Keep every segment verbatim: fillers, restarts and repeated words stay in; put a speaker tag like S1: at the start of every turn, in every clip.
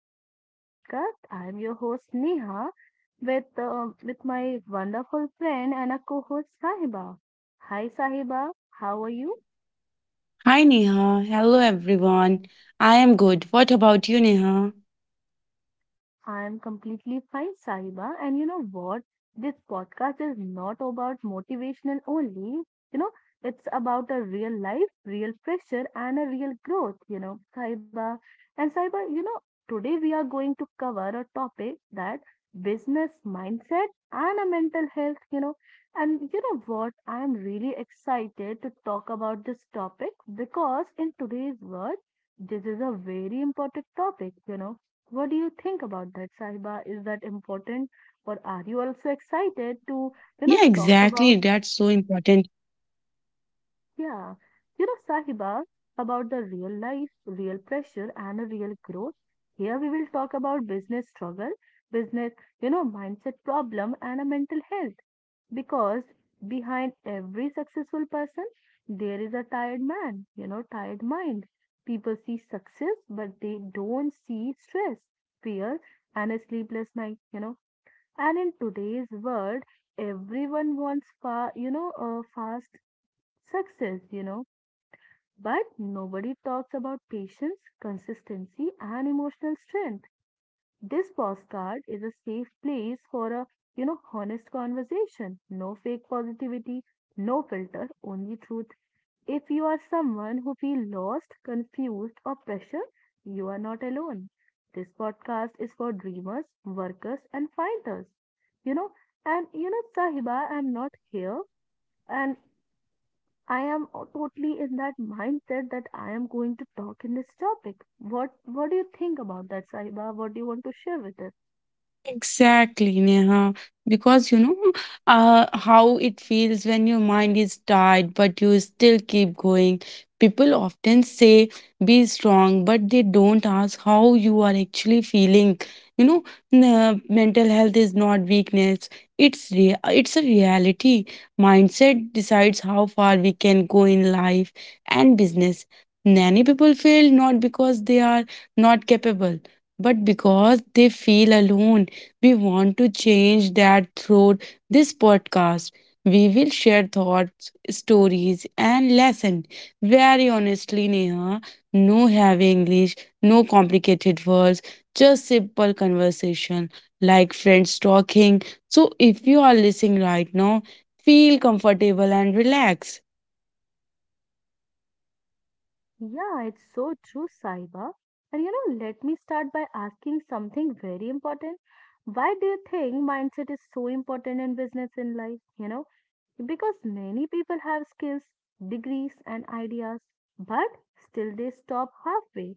S1: to today's podcast. I am your host Neha with uh, with my wonderful friend and a co-host Sahiba. Hi Sahiba, how are you?
S2: Hi Neha, hello everyone. I am good. What about you, Neha?
S1: I am completely fine, Sahiba. And you know what? This podcast is not about motivational only. You know, it's about a real life, real pressure, and a real growth, you know, Sahiba. And Sahiba, you know, today we are going to cover a topic that business mindset and a mental health, you know. And you know what? I am really excited to talk about this topic because in today's world, this is a very important topic, you know. What do you think about that, Sahiba? Is that important, or are you also
S2: Yeah,
S1: excited
S2: exactly.
S1: to,
S2: That's
S1: you know,
S2: so
S1: talk
S2: important.
S1: about, yeah, you know, Sahiba, about the real life, real pressure, and a real growth? Here we will talk about business struggle, business, you know, mindset problem, and a mental health. Because behind every successful person, there is a tired man, you know, tired mind. People see success, but they don't see stress, fear, and a sleepless night, you know. And in today's world, everyone wants fa you know, uh, fast success, you know, but nobody talks about patience, consistency, and emotional strength. This postcard is a safe place for a, you know, honest conversation. No fake positivity, no filter, only truth. If you are someone who feels lost, confused, or pressure, you are not alone. This podcast is for dreamers, workers, and fighters. You know, and you know, Sahiba, I'm not here, and I am o- totally in that mindset that I am going to talk in this topic. What What do you think about that, Sahiba? What do you want to share with us?
S2: Exactly, Neha. Because you know uh, how it feels when your mind is tired, but you still keep going. People often say, be strong, but they don't ask how you are actually feeling. You know, n- uh, mental health is not weakness, it's, rea- it's a reality. Mindset decides how far we can go in life and business. Many people fail not because they are not capable, but because they feel alone. We want to change that through this podcast. We will share thoughts, stories, and lessons. Very honestly, Neha, no heavy English, no complicated words, just simple conversation like friends talking. So if you are listening right now, feel comfortable and relax.
S1: Yeah, it's so true, Saiba. And you know, let me start by asking something very important. Why do you think mindset is so important in business in life? You know, because many people have skills, degrees, and ideas, but still they stop halfway.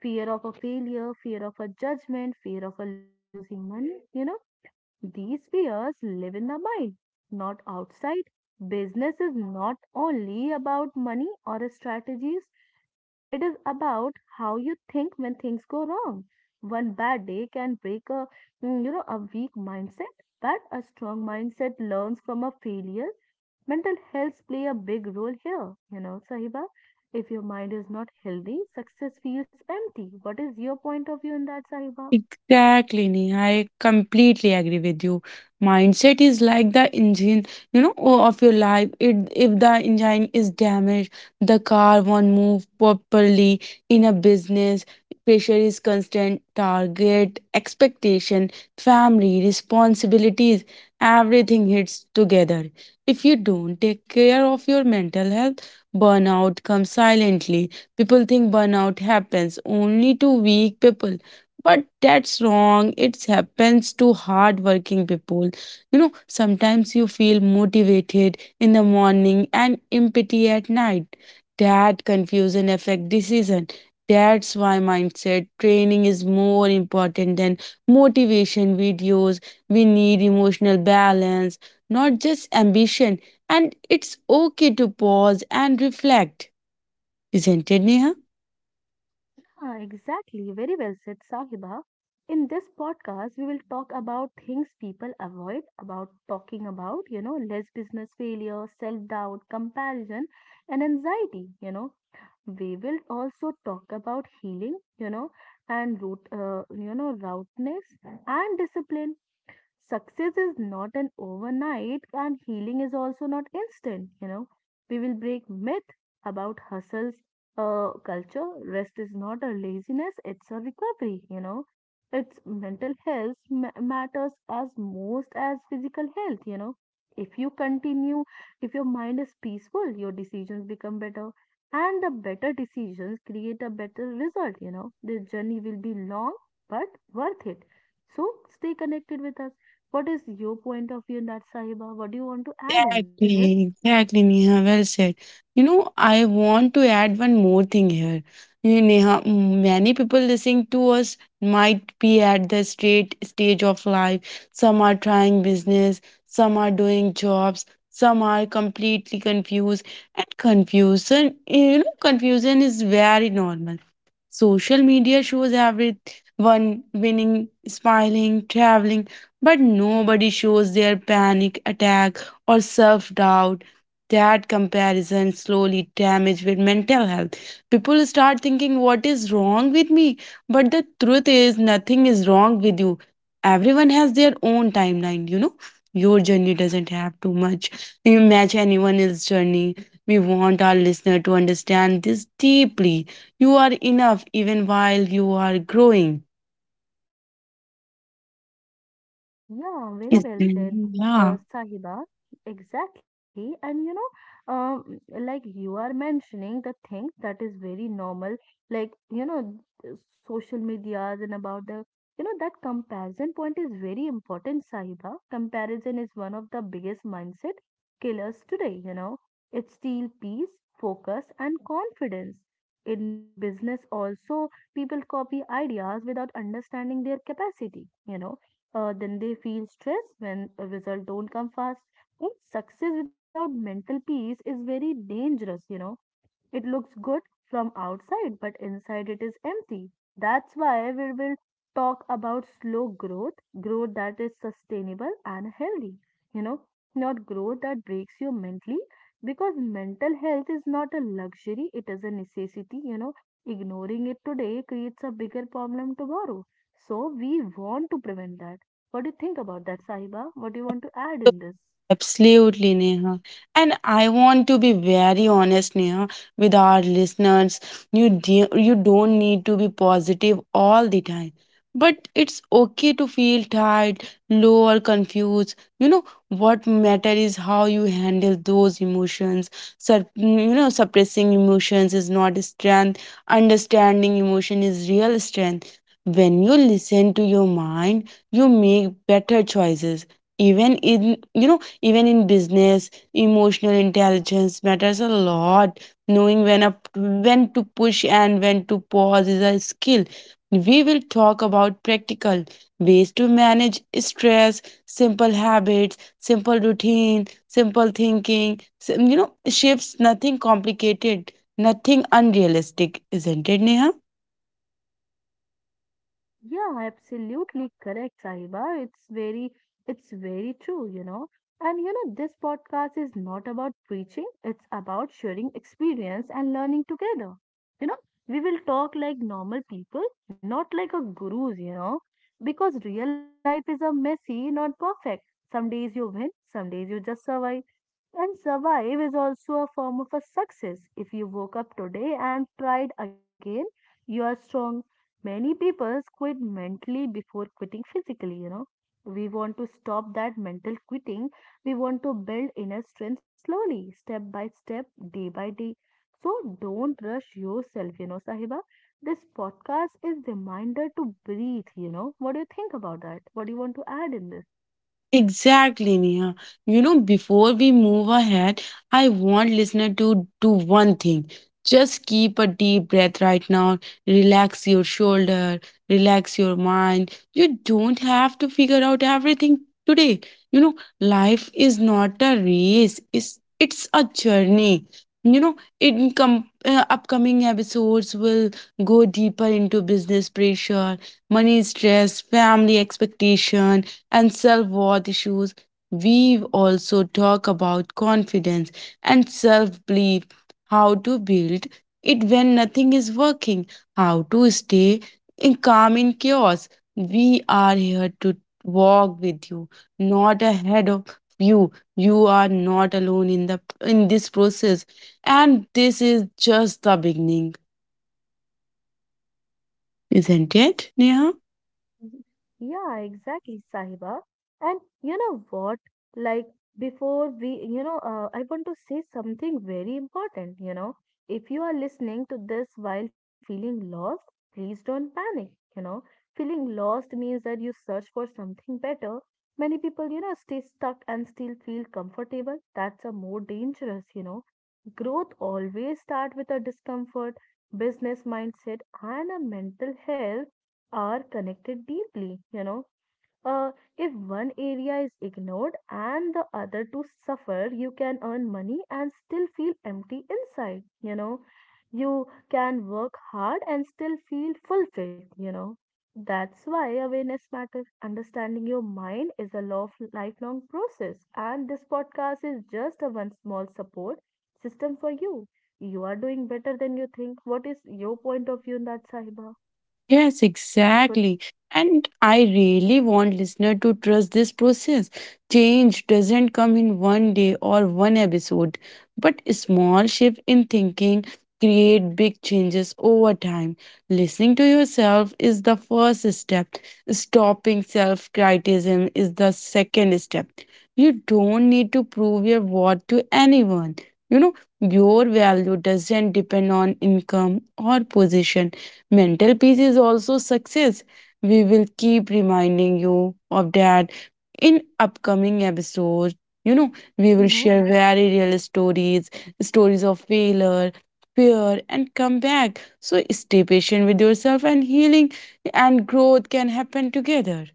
S1: Fear of a failure, fear of a judgment, fear of a losing money, you know, these fears live in the mind, not outside. Business is not only about money or strategies, it is about how you think when things go wrong. One bad day can break a mm, you know a weak mindset, but a strong mindset learns from a failure. Mental health play a big role here, you know, Sahiba. If your mind is not healthy, success feels empty. What is your point of view in that, Sahiba?
S2: Exactly, Neha. I completely agree with you. Mindset is like the engine, you know, o- of your life. It, if the engine is damaged, the car won't move properly. In a business, pressure is constant, target, expectation, family, responsibilities, everything hits together. If you don't take care of your mental health, burnout comes silently. People think burnout happens only to weak people, but that's wrong. It happens to hardworking people. You know, sometimes you feel motivated in the morning and empty at night. That confusion affect decision. That's why mindset training is more important than motivation videos. We need emotional balance, not just ambition. And it's okay to pause and reflect, isn't it, Neha?
S1: Ah, exactly. Very well said, Sahiba. In this podcast, we will talk about things people avoid about talking about, you know, less business failure, self doubt, comparison, and anxiety. You know, we will also talk about healing, you know, and root, uh, you know, routness and discipline. Success is not an overnight and healing is also not instant, you know. We will break myth about hustles, uh, culture. Rest is not a laziness, it's a recovery, you know. It's mental health ma- matters as most as physical health, you know. If you continue, if your mind is peaceful, your decisions become better, and the better decisions create a better result, you know. The journey will be long, but worth it. So stay connected with us. What is your point of view in that, Sahiba? What do you want to add in this?
S2: Exactly, exactly, Neha. Well said. You know, I want to add one more thing here. You know, Neha, m- many people listening to us might be at the straight stage of life. Some are trying business, some are doing jobs, some are completely confused. And confusion, you know, confusion is very normal. Social media shows everyone winning, smiling, traveling, but nobody shows their panic attacks or self doubt. That comparison slowly damages mental health. People start thinking, What is wrong with me? But the truth is, nothing is wrong with you. Everyone has their own timeline, you know. Your journey doesn't have too much. You match anyone else's journey. We want our listener to understand this deeply. You are enough even while you are growing.
S1: Yeah, very
S2: Yes.
S1: well said,
S2: Yeah.
S1: uh, Sahiba. Exactly. And you know, um, like you are mentioning the thing that is very normal, like, you know, th- social medias and about the, you know, that comparison point is very important, Sahiba. Comparison is one of the biggest mindset killers today, you know. It steals peace, focus, and confidence. In business also, people copy ideas without understanding their capacity, you know. Uh, then they feel stressed when a result don't come fast. And success without mental peace is very dangerous, you know. It looks good from outside, but inside it is empty. That's why we will talk about slow growth, growth that is sustainable and healthy. You know, not growth that breaks you mentally, because mental health is not a luxury, it is a necessity. You know, ignoring it today creates a bigger problem tomorrow. So, we want to prevent that. What do you think about that, Sahiba? What do you want to add in this?
S2: Absolutely, Neha. And I want to be very honest, Neha, with our listeners. You de- you don't need to be positive all the time. But it's okay to feel tired, low or confused. You know, what matter is how you handle those emotions. Sup- you know, suppressing emotions is not strength. Understanding emotion is real strength. When you listen to your mind, you make better choices. Even in, you know, even in business, emotional intelligence matters a lot. Knowing when up when to push and when to pause is a skill. We will talk about practical ways to manage stress, simple habits, simple routine, simple thinking sim- you know shifts, nothing complicated, nothing unrealistic, isn't it, Neha?
S1: Yeah, absolutely correct, Sahiba. It's very, it's very true, you know. And you know, this podcast is not about preaching, it's about sharing experience and learning together. You know, we will talk like normal people, not like a gurus, you know, because real life is a messy, not perfect. Some days you win, some days you just survive. And survive is also a form of a success. If you woke up today and tried again, you are strong. Many people quit mentally before quitting physically, you know. We want to stop that mental quitting. We want to build inner strength slowly, step by step, day by day. So don't rush yourself, you know, Sahiba. This podcast is reminder to breathe, you know. What do you think about that? What do you want to add in this?
S2: Exactly, Neha. You know, before we move ahead, I want listener to do one thing. Just keep a deep breath right now. Relax your shoulder, relax your mind. You don't have to figure out everything today. You know, life is not a race. It's it's a journey. You know, in com- uh, upcoming episodes will go deeper into business pressure, money stress, family expectation, and self worth issues. We also talk about confidence and self belief, how to build it when nothing is working, how to stay in calm in chaos. We are here to walk with you, not ahead of you. You are not alone in the in this process, and this is just the beginning, isn't it, Neha?
S1: Yeah, exactly, Sahiba. And you know what? Like before we, you know, uh, I want to say something very important, you know. If you are listening to this while feeling lost, please don't panic, you know. Feeling lost means that you search for something better. Many people, you know, stay stuck and still feel comfortable. That's a more dangerous, you know. Growth always start with a discomfort, business mindset, and a mental health are connected deeply, you know. Uh, if one area is ignored and the other two suffer, you can earn money and still feel empty inside, you know. You can work hard and still feel fulfilled, you know. That's why awareness matters. Understanding your mind is a lo- lifelong process, and this podcast is just a one small support system for you. You are doing better than you think. What is your point of view in that, Sahiba?
S2: Yes,
S1: Good.
S2: exactly. And I really want listener to trust this process. Change doesn't come in one day or one episode, but small shift in thinking create big changes over time. Listening to yourself is the first step. Stopping self-criticism is the second step. You don't need to prove your worth to anyone. You know, your value doesn't depend on income or position. Mental peace is also success. We will keep reminding you of that in upcoming episodes. You know, we will share very real stories, stories of failure, fear, and comeback. So stay patient with yourself, and healing and growth can happen together.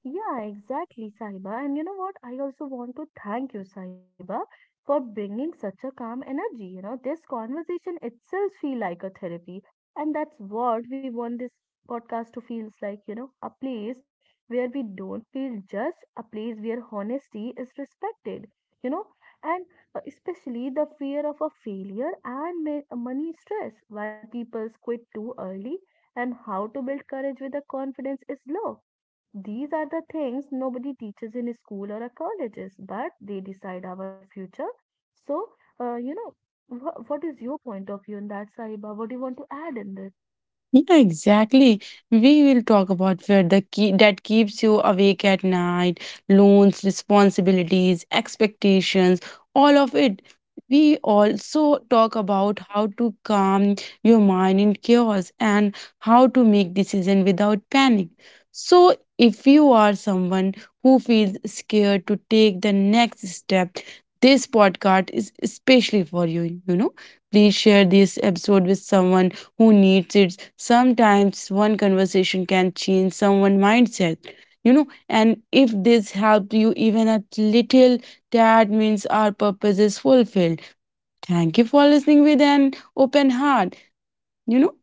S1: Yeah, exactly, Sahiba. And you know what? I also want to thank you, Sahiba, for bringing such a calm energy. You know, this conversation itself feel like a therapy, and that's what we want this podcast to feels like. You know, a place where we don't feel judged, a place where honesty is respected. You know, and uh, especially the fear of a failure and ma- uh, money stress, why people quit too early, and how to build courage with the confidence is low, these are the things nobody teaches in school or our colleges, but they decide our future. So, uh, you know, wha what is your point of view on that, Sahiba? What do you want to add in this?
S2: Yeah, exactly. We will talk about where the key that keeps you awake at night, loans, responsibilities, expectations, all of it. We also talk about how to calm your mind in chaos and how to make decisions without panic. So, if you are someone who feels scared to take the next step, this podcast is especially for you. You know, please share this episode with someone who needs it. Sometimes one conversation can change someone's mindset. You know, and if this helped you even a little, that means our purpose is fulfilled. Thank you for listening with an open heart. You know,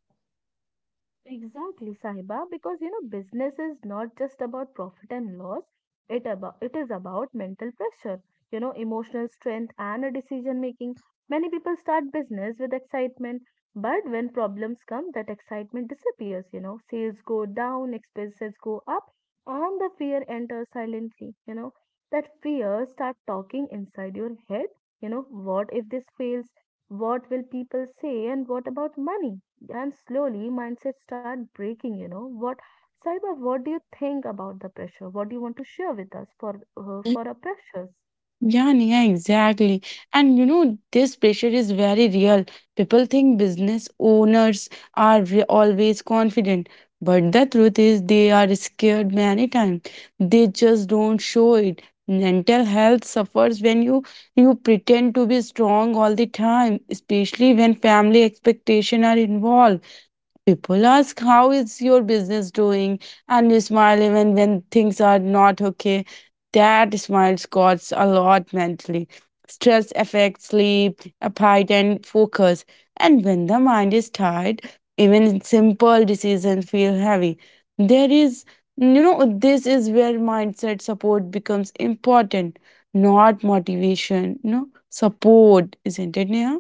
S1: Exactly, Sahiba, because you know business is not just about profit and loss. It about it is about mental pressure, you know, emotional strength and a decision making. Many people start business with excitement, but when problems come, that excitement disappears, you know. Sales go down, expenses go up, and the fear enters silently, you know. That fear start talking inside your head, you know, what if this fails? What will people say? And what about money? And slowly mindsets start breaking, you know what, Saiba? What do you think about the pressure? What do you want to share with us for uh, for our pressures?
S2: Yeah, Nia, exactly. And you know, this pressure is very real. People think business owners are re- always confident, but the truth is they are scared many times. They just don't show it. Mental health suffers when you you pretend to be strong all the time, especially when family expectation are involved. People ask, How is your business doing? And you smile even when things are not okay. That smile costs a lot mentally. Stress affects sleep, appetite, and focus. And when the mind is tired, even simple decisions feel heavy. There is, you know, this is where mindset support becomes important, not motivation, no, support, isn't it, Neha?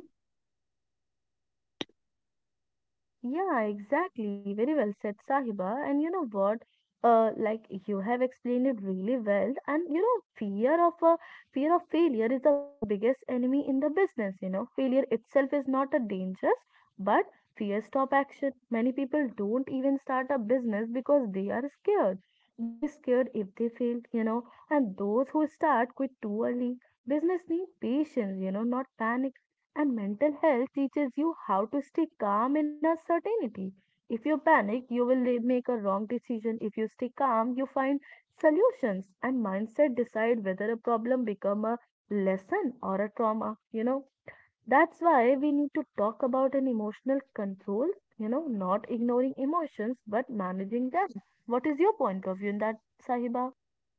S1: Yeah, exactly. Very well said, Sahiba. And you know what? Uh, like you have explained it really well. And you know, fear of uh, fear of failure is the biggest enemy in the business. You know, failure itself is not a dangerous, but fear stop action. Many people don't even start a business because they are scared. They're scared if they fail. You know, and those who start quit too early. Business need patience. You know, not panic. And mental health teaches you how to stay calm in uncertainty. If you panic, you will li- make a wrong decision. If you stay calm, you find solutions. And mindset decide whether a problem become a lesson or a trauma. You know, that's why we need to talk about an emotional control. You know, not ignoring emotions but managing them. What is your point of view in that, Sahiba?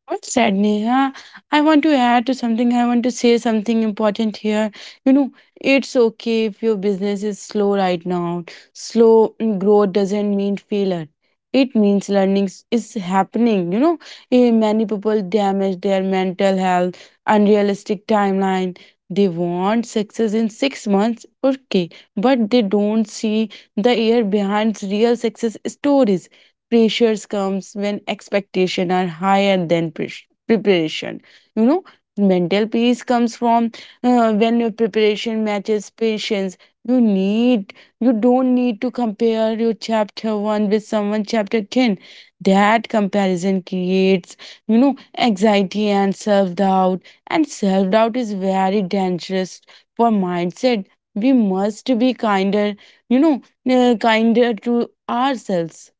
S2: What said, Neha? I want to add to something. I want to say something important here. You know, it's okay if your business is slow right now. Slow growth doesn't mean failure. It means learning s- is happening. You know, Eh, many people damage their mental health, unrealistic timeline. They want success in six months, okay, but they don't see the year behind real success stories. Pressures comes when expectation are higher than pre- preparation. You know, mental peace comes from uh, when your preparation matches patience you need. You don't need to compare your chapter one with someone chapter ten. That comparison creates, you know, anxiety and self doubt, and self doubt is very dangerous for mindset. We must be kinder, you know, uh, kinder to ourselves.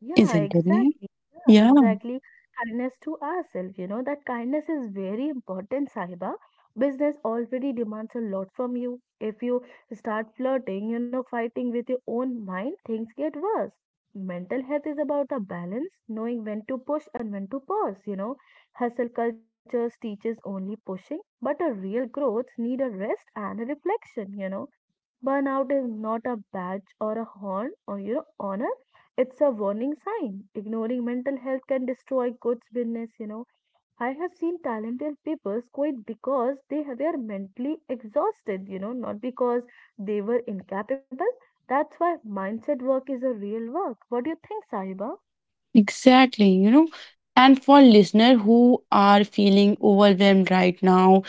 S1: Yeah,
S2: Isn't it, Nehal?
S1: exactly. Yeah,
S2: Yeah,
S1: exactly. Kindness to ourselves, you know, that kindness is very important, Sahiba. Business already demands a lot from you. If you start flirting, you know, fighting with your own mind, things get worse. Mental health is about a balance, knowing when to push and when to pause, you know. Hustle cultures teaches only pushing, but a real growth need a rest and a reflection, you know. Burnout is not a badge or a horn or you know honor. It's a warning sign. Ignoring mental health can destroy good business. You know, I have seen talented people quit because they have- were mentally exhausted. You know, not because they were incapable. That's why mindset work is a real work. What do you think, Sahiba?
S2: exactly. You know, and for listener who are feeling overwhelmed right now,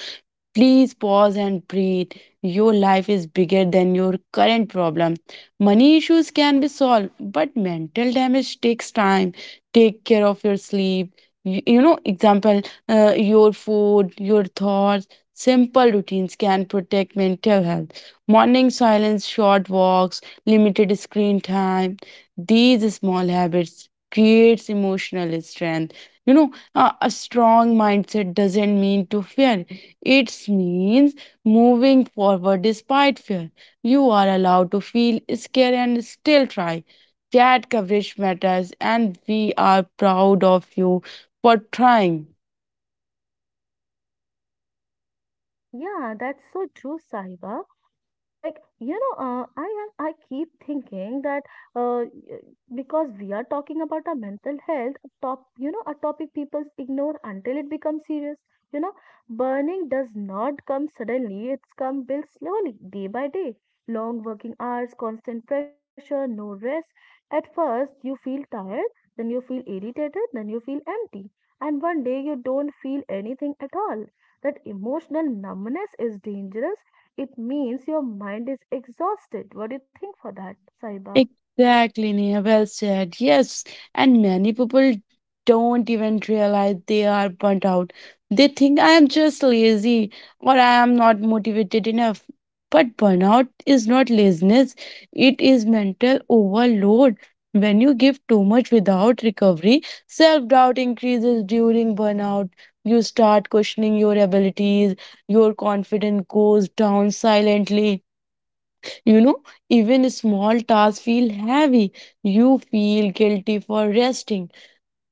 S2: please pause and breathe. Your life is bigger than your current problem. Money issues can be solved, but mental damage takes time. Take care of your sleep. You, you know, example, uh, your food, your thoughts. Simple routines can protect mental health. Morning silence, short walks, limited screen time. These small habits creates emotional strength. You know, a, a strong mindset doesn't mean to fear. It means moving forward despite fear. You are allowed to feel scared and still try. That coverage matters, and we are proud of you for trying.
S1: Yeah, that's so true, Sahiba. Like, you know, uh, I am, I keep thinking that uh, y- because we are talking about our mental health, a top, you know, a topic people ignore until it becomes serious. You know, Burning does not come suddenly, it's come built slowly, day by day. Long working hours, constant pressure, no rest. At first, you feel tired, then you feel irritated, then you feel empty. And one day you don't feel anything at all. That emotional numbness is dangerous. It means your mind is exhausted. What do you think for that, Saiba?
S2: Exactly, Neha. Well said. Yes, and many people don't even realize they are burnt out. They think, I am just lazy or I am not motivated enough. But burnout is not laziness, it is mental overload. When you give too much without recovery, self doubt increases during burnout. You start questioning your abilities, your confidence goes down silently, you know, even small tasks feel heavy. You feel guilty for resting.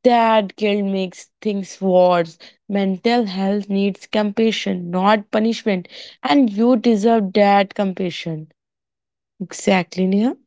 S2: That guilt makes things worse. Mental health needs compassion, not punishment. And you deserve that compassion. Exactly, Neha.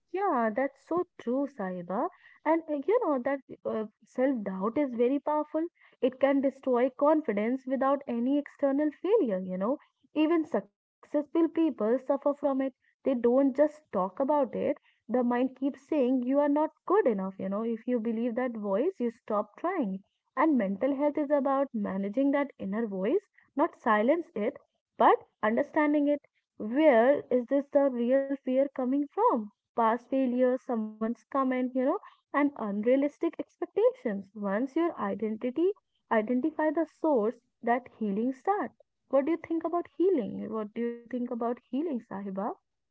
S1: Yeah, that's so true, Sahiba. And uh, you know that uh, self-doubt is very powerful. It can destroy confidence without any external failure, you know. Even successful people suffer from it. They don't just talk about it. The mind keeps saying you are not good enough, you know. If you believe that voice, you stop trying. And mental health is about managing that inner voice, not silence it, but understanding it. Where is this the real fear coming from? Past failures, someone's comment, you know, and unrealistic expectations. Once your identity identify the source, that healing start. What do you think about healing? What do you think about healing, Sahiba?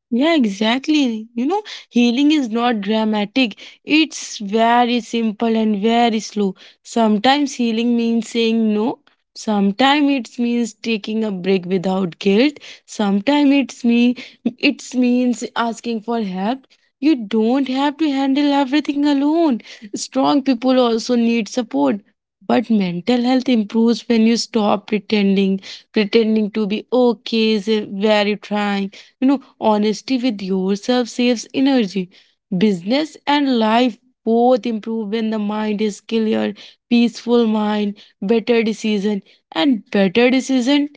S2: Yeah, exactly. You know, healing is not dramatic. It's very simple and very slow. Sometimes healing means saying no. Sometimes it means taking a break without guilt. Sometimes it's me it means asking for help. You don't have to handle everything alone. Strong people also need support. But mental health improves when you stop pretending. Pretending to be okay is a very trying. You know, honesty with yourself saves energy. Business and life both improve when the mind is clear, peaceful mind, better decision, and better decision,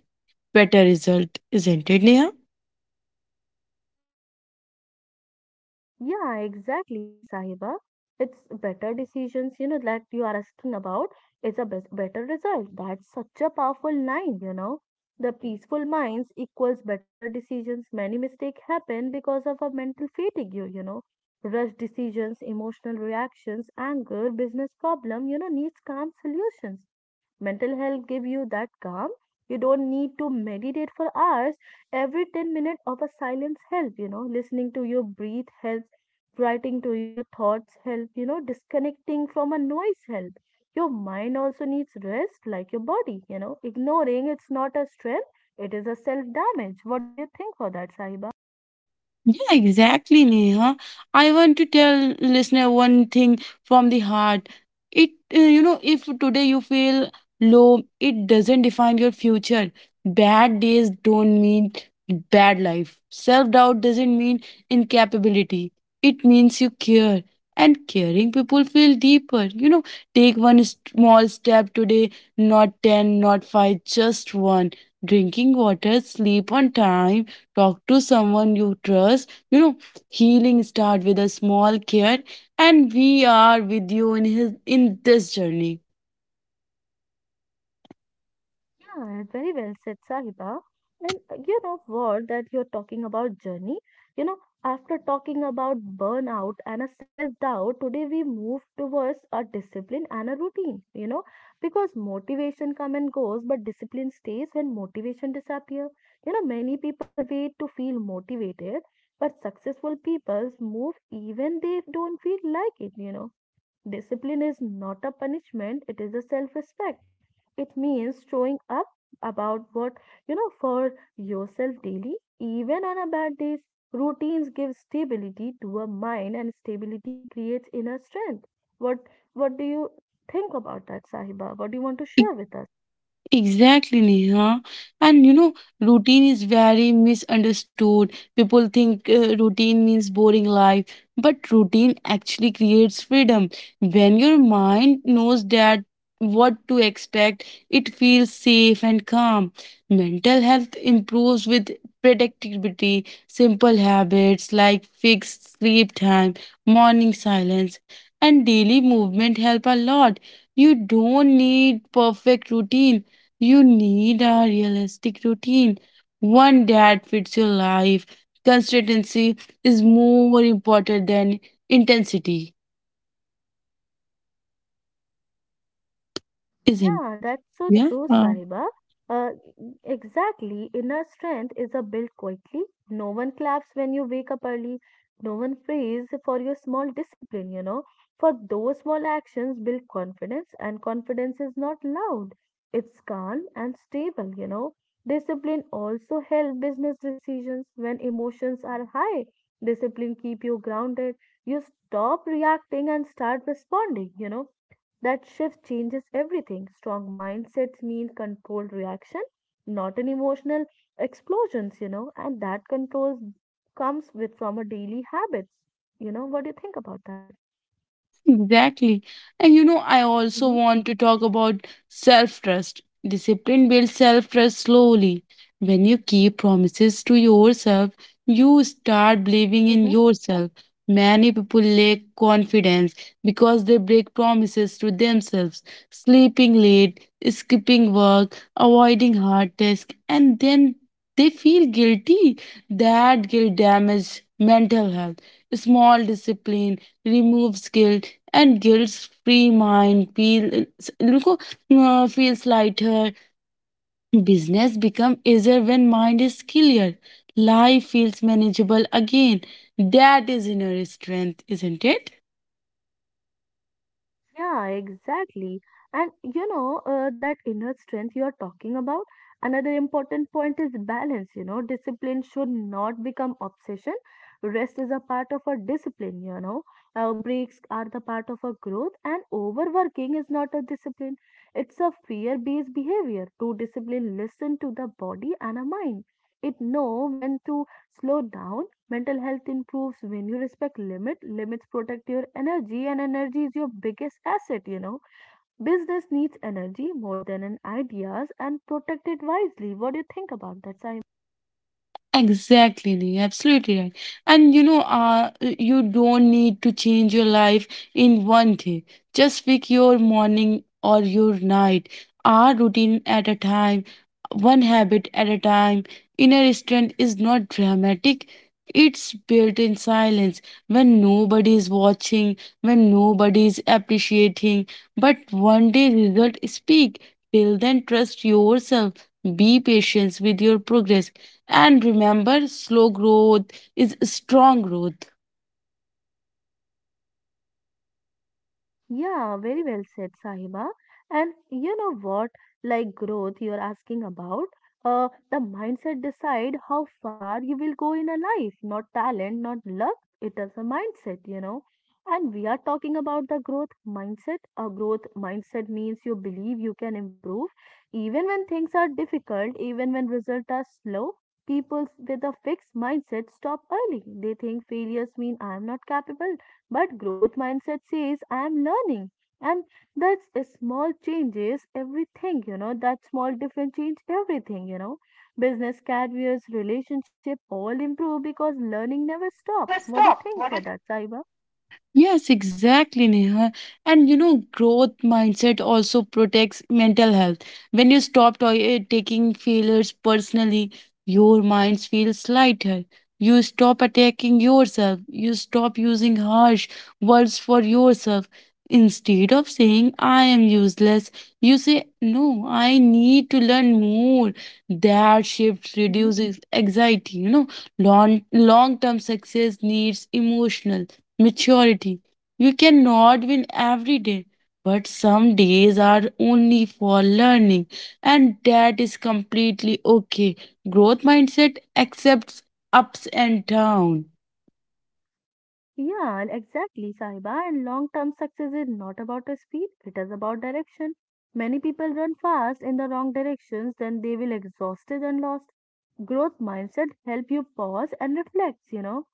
S2: better result. Isn't it, Neha?
S1: Yeah, exactly, Sahiba. It's better decisions, you know, that you are asking about is a best, better result. That's such a powerful line, you know. The peaceful minds equals better decisions. Many mistakes happen because of a mental fatigue, you, you know. Rush decisions, emotional reactions, anger, business problem, you know, needs calm solutions. Mental health give you that calm. You don't need to meditate for hours. Every ten minutes of a silence help you know Listening to your breathe helps, writing to your thoughts help you know Disconnecting from a noise help. Your mind also needs rest like your body you know Ignoring it's not a strength, it is a self damage. What do you think for that, Sahiba?
S2: Yeah, exactly, Neha. I want to tell listener one thing from the heart. It, uh, you know, if today you feel low, it doesn't define your future. Bad days don't mean bad life. Self doubt doesn't mean incapability. It means you care. And caring people feel deeper. You know, take one small step today, not ten, not five, just one. Drinking water, sleep on time, talk to someone you trust, you know, healing start with a small care, and we are with you in his in this journey.
S1: Yeah, very well said, Sahiba. And uh, you know what, that you're talking about journey. You know, After talking about burnout and a self-doubt, today we move towards a discipline and a routine, you know, because motivation come and goes, but discipline stays when motivation disappear. You know, many people wait to feel motivated, but successful people move even they don't feel like it, you know Discipline is not a punishment, it is a self respect. It means showing up about what you know for yourself daily, even on a bad days. Routines give stability to a mind, and stability creates inner strength. What what do you think about that, Sahiba? What do you want to share with us?
S2: Exactly, Neha. And you know, routine is very misunderstood. People think uh, routine means boring life, but routine actually creates freedom. When your mind knows that what to expect, it feels safe and calm. Mental health improves with predictability, simple habits like fixed sleep time, morning silence, and daily movement help a lot. You don't need perfect routine, you need a realistic routine, one that fits your life. Consistency is more important than intensity, isn't?
S1: Yeah, that's so
S2: Yeah.
S1: true, Sahiba. Uh, exactly. Inner strength is a built quietly. No one claps when you wake up early. No one prays for your small discipline, you know. For those small actions build confidence, and confidence is not loud. It's calm and stable, you know. Discipline also help business decisions when emotions are high. Discipline keep you grounded. You stop reacting and start responding, you know That shift changes everything. Strong mindsets mean controlled reaction, not an emotional explosions, you know, and that control comes with from a daily habits. You know, what do you think about that?
S2: Yes, exactly. And you know, I also
S1: Hmm.
S2: want to talk about self trust. Discipline builds self trust slowly. When you keep promises to yourself, you start believing in
S1: Mm-hmm.
S2: yourself. Many people lack confidence because they break promises to themselves, sleeping late, skipping work, avoiding hard tasks, and then they feel guilty. That guilt damages mental health. Small discipline removes guilt, and guilt's free mind feels look, uh, feels lighter. Business become easier when mind is clear, life feels manageable again. That is inner strength, isn't it?
S1: Yeah, exactly. And you know, uh, that inner strength you are talking about, another important point is balance. You know, discipline should not become obsession. Rest is a part of a discipline, you know. Uh, breaks are the part of a growth, and overworking is not a discipline. It's a fear-based behavior. True discipline listen to the body and a mind. It know when to slow down. Mental health improves when you respect limit. Limits protect your energy, and energy is your biggest asset, you know. Business needs energy more than an ideas and protect it wisely. What do you think about that, Simon?
S2: Exactly, Neha, absolutely right. And you know, uh, you don't need to change your life in one day. Just pick your morning or your night, our routine at a time, one habit at a time. Inner strength is not dramatic. It's built in silence when nobody is watching, when nobody is appreciating. But one day result speak. Till then, trust yourself. Be patient with your progress and remember, slow growth is strong growth.
S1: Yeah, very well said, Sahiba. And you know what, like growth you're asking about, uh, the mindset decide how far you will go in a life, not talent, not luck. It is a mindset, you know. And we are talking about the growth mindset. A growth mindset means you believe you can improve even when things are difficult, even when results are slow. People with a fixed mindset stop early. They think failures mean I am not capable, but growth mindset says, I am learning. And that's a small changes everything, you know, that small difference change everything, you know. Business, careers, relationship all improve because learning never stop. What do you think for that, Saiba?
S2: Yes, exactly, Neha. And you know, growth mindset also protects mental health. When you stop to- eh, taking failures personally, your mind feels lighter. You stop attacking yourself. You stop using harsh words for yourself. Instead of saying, I am useless, you say, No, I need to learn more. That shift reduces anxiety. You know, long long term success needs emotional maturity. You cannot win every day, but some days are only for learning, and that is completely okay. Growth mindset accepts ups and downs.
S1: Yeah, and exactly, Sahiba. And long term success is not about a speed, it is about direction. Many people run fast in the wrong directions, then they will exhausted and lost. Growth mindset help you pause and reflect, you know.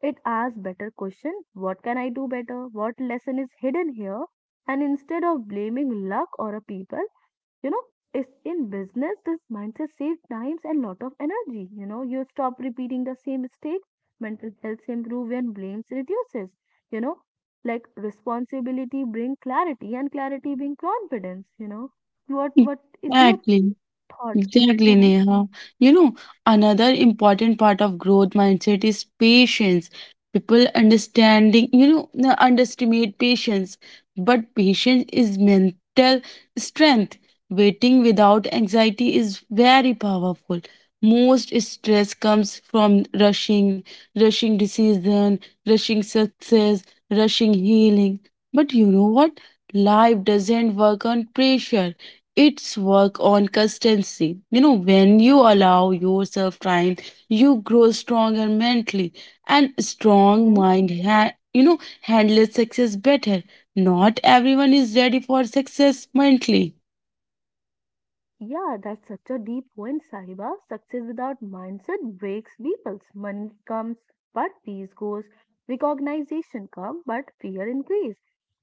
S1: It asks better question, what can I do better? What lesson is hidden here? And instead of blaming luck or a people, you know, it's in business this mindset saves times and lot of energy. You know, you stop repeating the same mistake. Mental health improve and blames reduces you know like responsibility bring clarity and clarity bring confidence you know what what is your
S2: Exactly.
S1: thought?
S2: Exactly,
S1: Mm-hmm,
S2: Neha. You know, another important part of growth mindset is patience. People understanding, you know, n- underestimate patience, but patience is mental strength. Waiting without anxiety is very powerful. Most stress comes from rushing, rushing decision, rushing success, rushing healing. But you know what? Life doesn't work on pressure, it's work on consistency. You know, when you allow yourself time, you grow stronger mentally, and strong
S1: mm-hmm.
S2: mind ha- you know handles success better. Not everyone is ready for success mentally.
S1: Yeah, that's such a deep point, Sahiba. Success without mindset breaks peoples. Money comes, but peace goes. Recognition comes, but fear increase.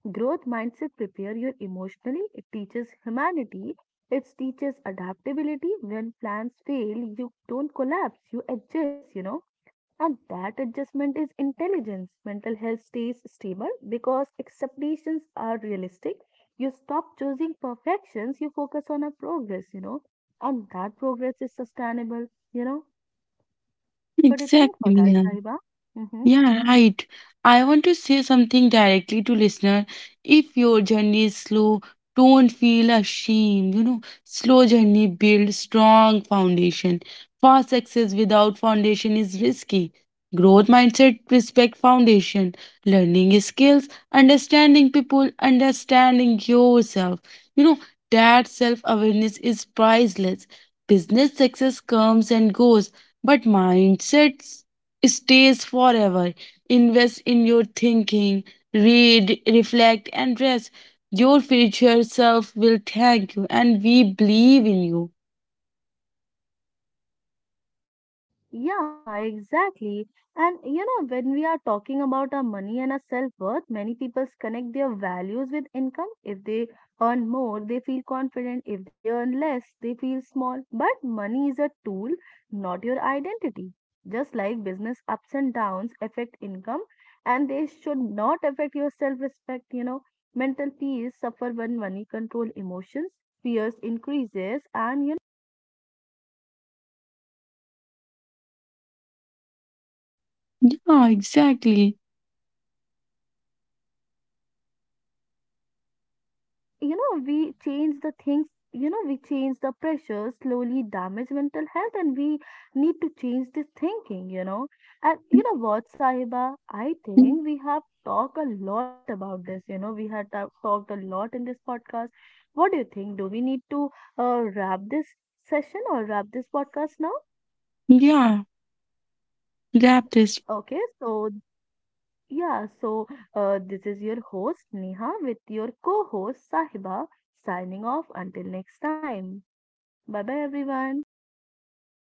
S1: Growth mindset prepare you emotionally. It teaches humanity. It teaches adaptability. When plans fail, you don't collapse. You adjust. You know. And that adjustment is intelligence. Mental health stays stable because expectations are realistic. You stop choosing perfections, you focus on a progress, you know, and that progress is sustainable, you know. What do you think
S2: Exactly,
S1: for that,
S2: Neha.
S1: Saiba? Mm-hmm.
S2: Yeah, right. I want to say something directly to listener. If your journey is slow, don't feel ashamed. You know, slow journey builds strong foundation. Fast success without foundation is risky. Growth mindset, respect foundation, learning skills, understanding people, understanding yourself. You know, that self awareness is priceless. Business success comes and goes, but mindset stays forever. Invest in your thinking, read, reflect, and rest. Your future self will thank you, and we believe in you.
S1: Yeah, exactly. And you know, when we are talking about our money and our self-worth, many people connect their values with income. If they earn more, they feel confident. If they earn less, they feel small. But money is a tool, not your identity. Just like business ups and downs affect income, and they should not affect your self-respect, you know. Mental peace suffer when money control emotions, fears increases, and you
S2: Yeah, exactly.
S1: you know we change the things you know we change the pressure slowly damage mental health, and we need to change this thinking you know and you know what, Sahiba, I think we have talked a lot about this you know we had ta- talked a lot in this podcast. What do you think, do we need to uh, wrap this session or wrap this podcast now?
S2: Yeah, wrap this.
S1: Okay, so yeah, so uh, this is your host Neha with your co-host Sahiba, signing off until next time. Bye bye, everyone.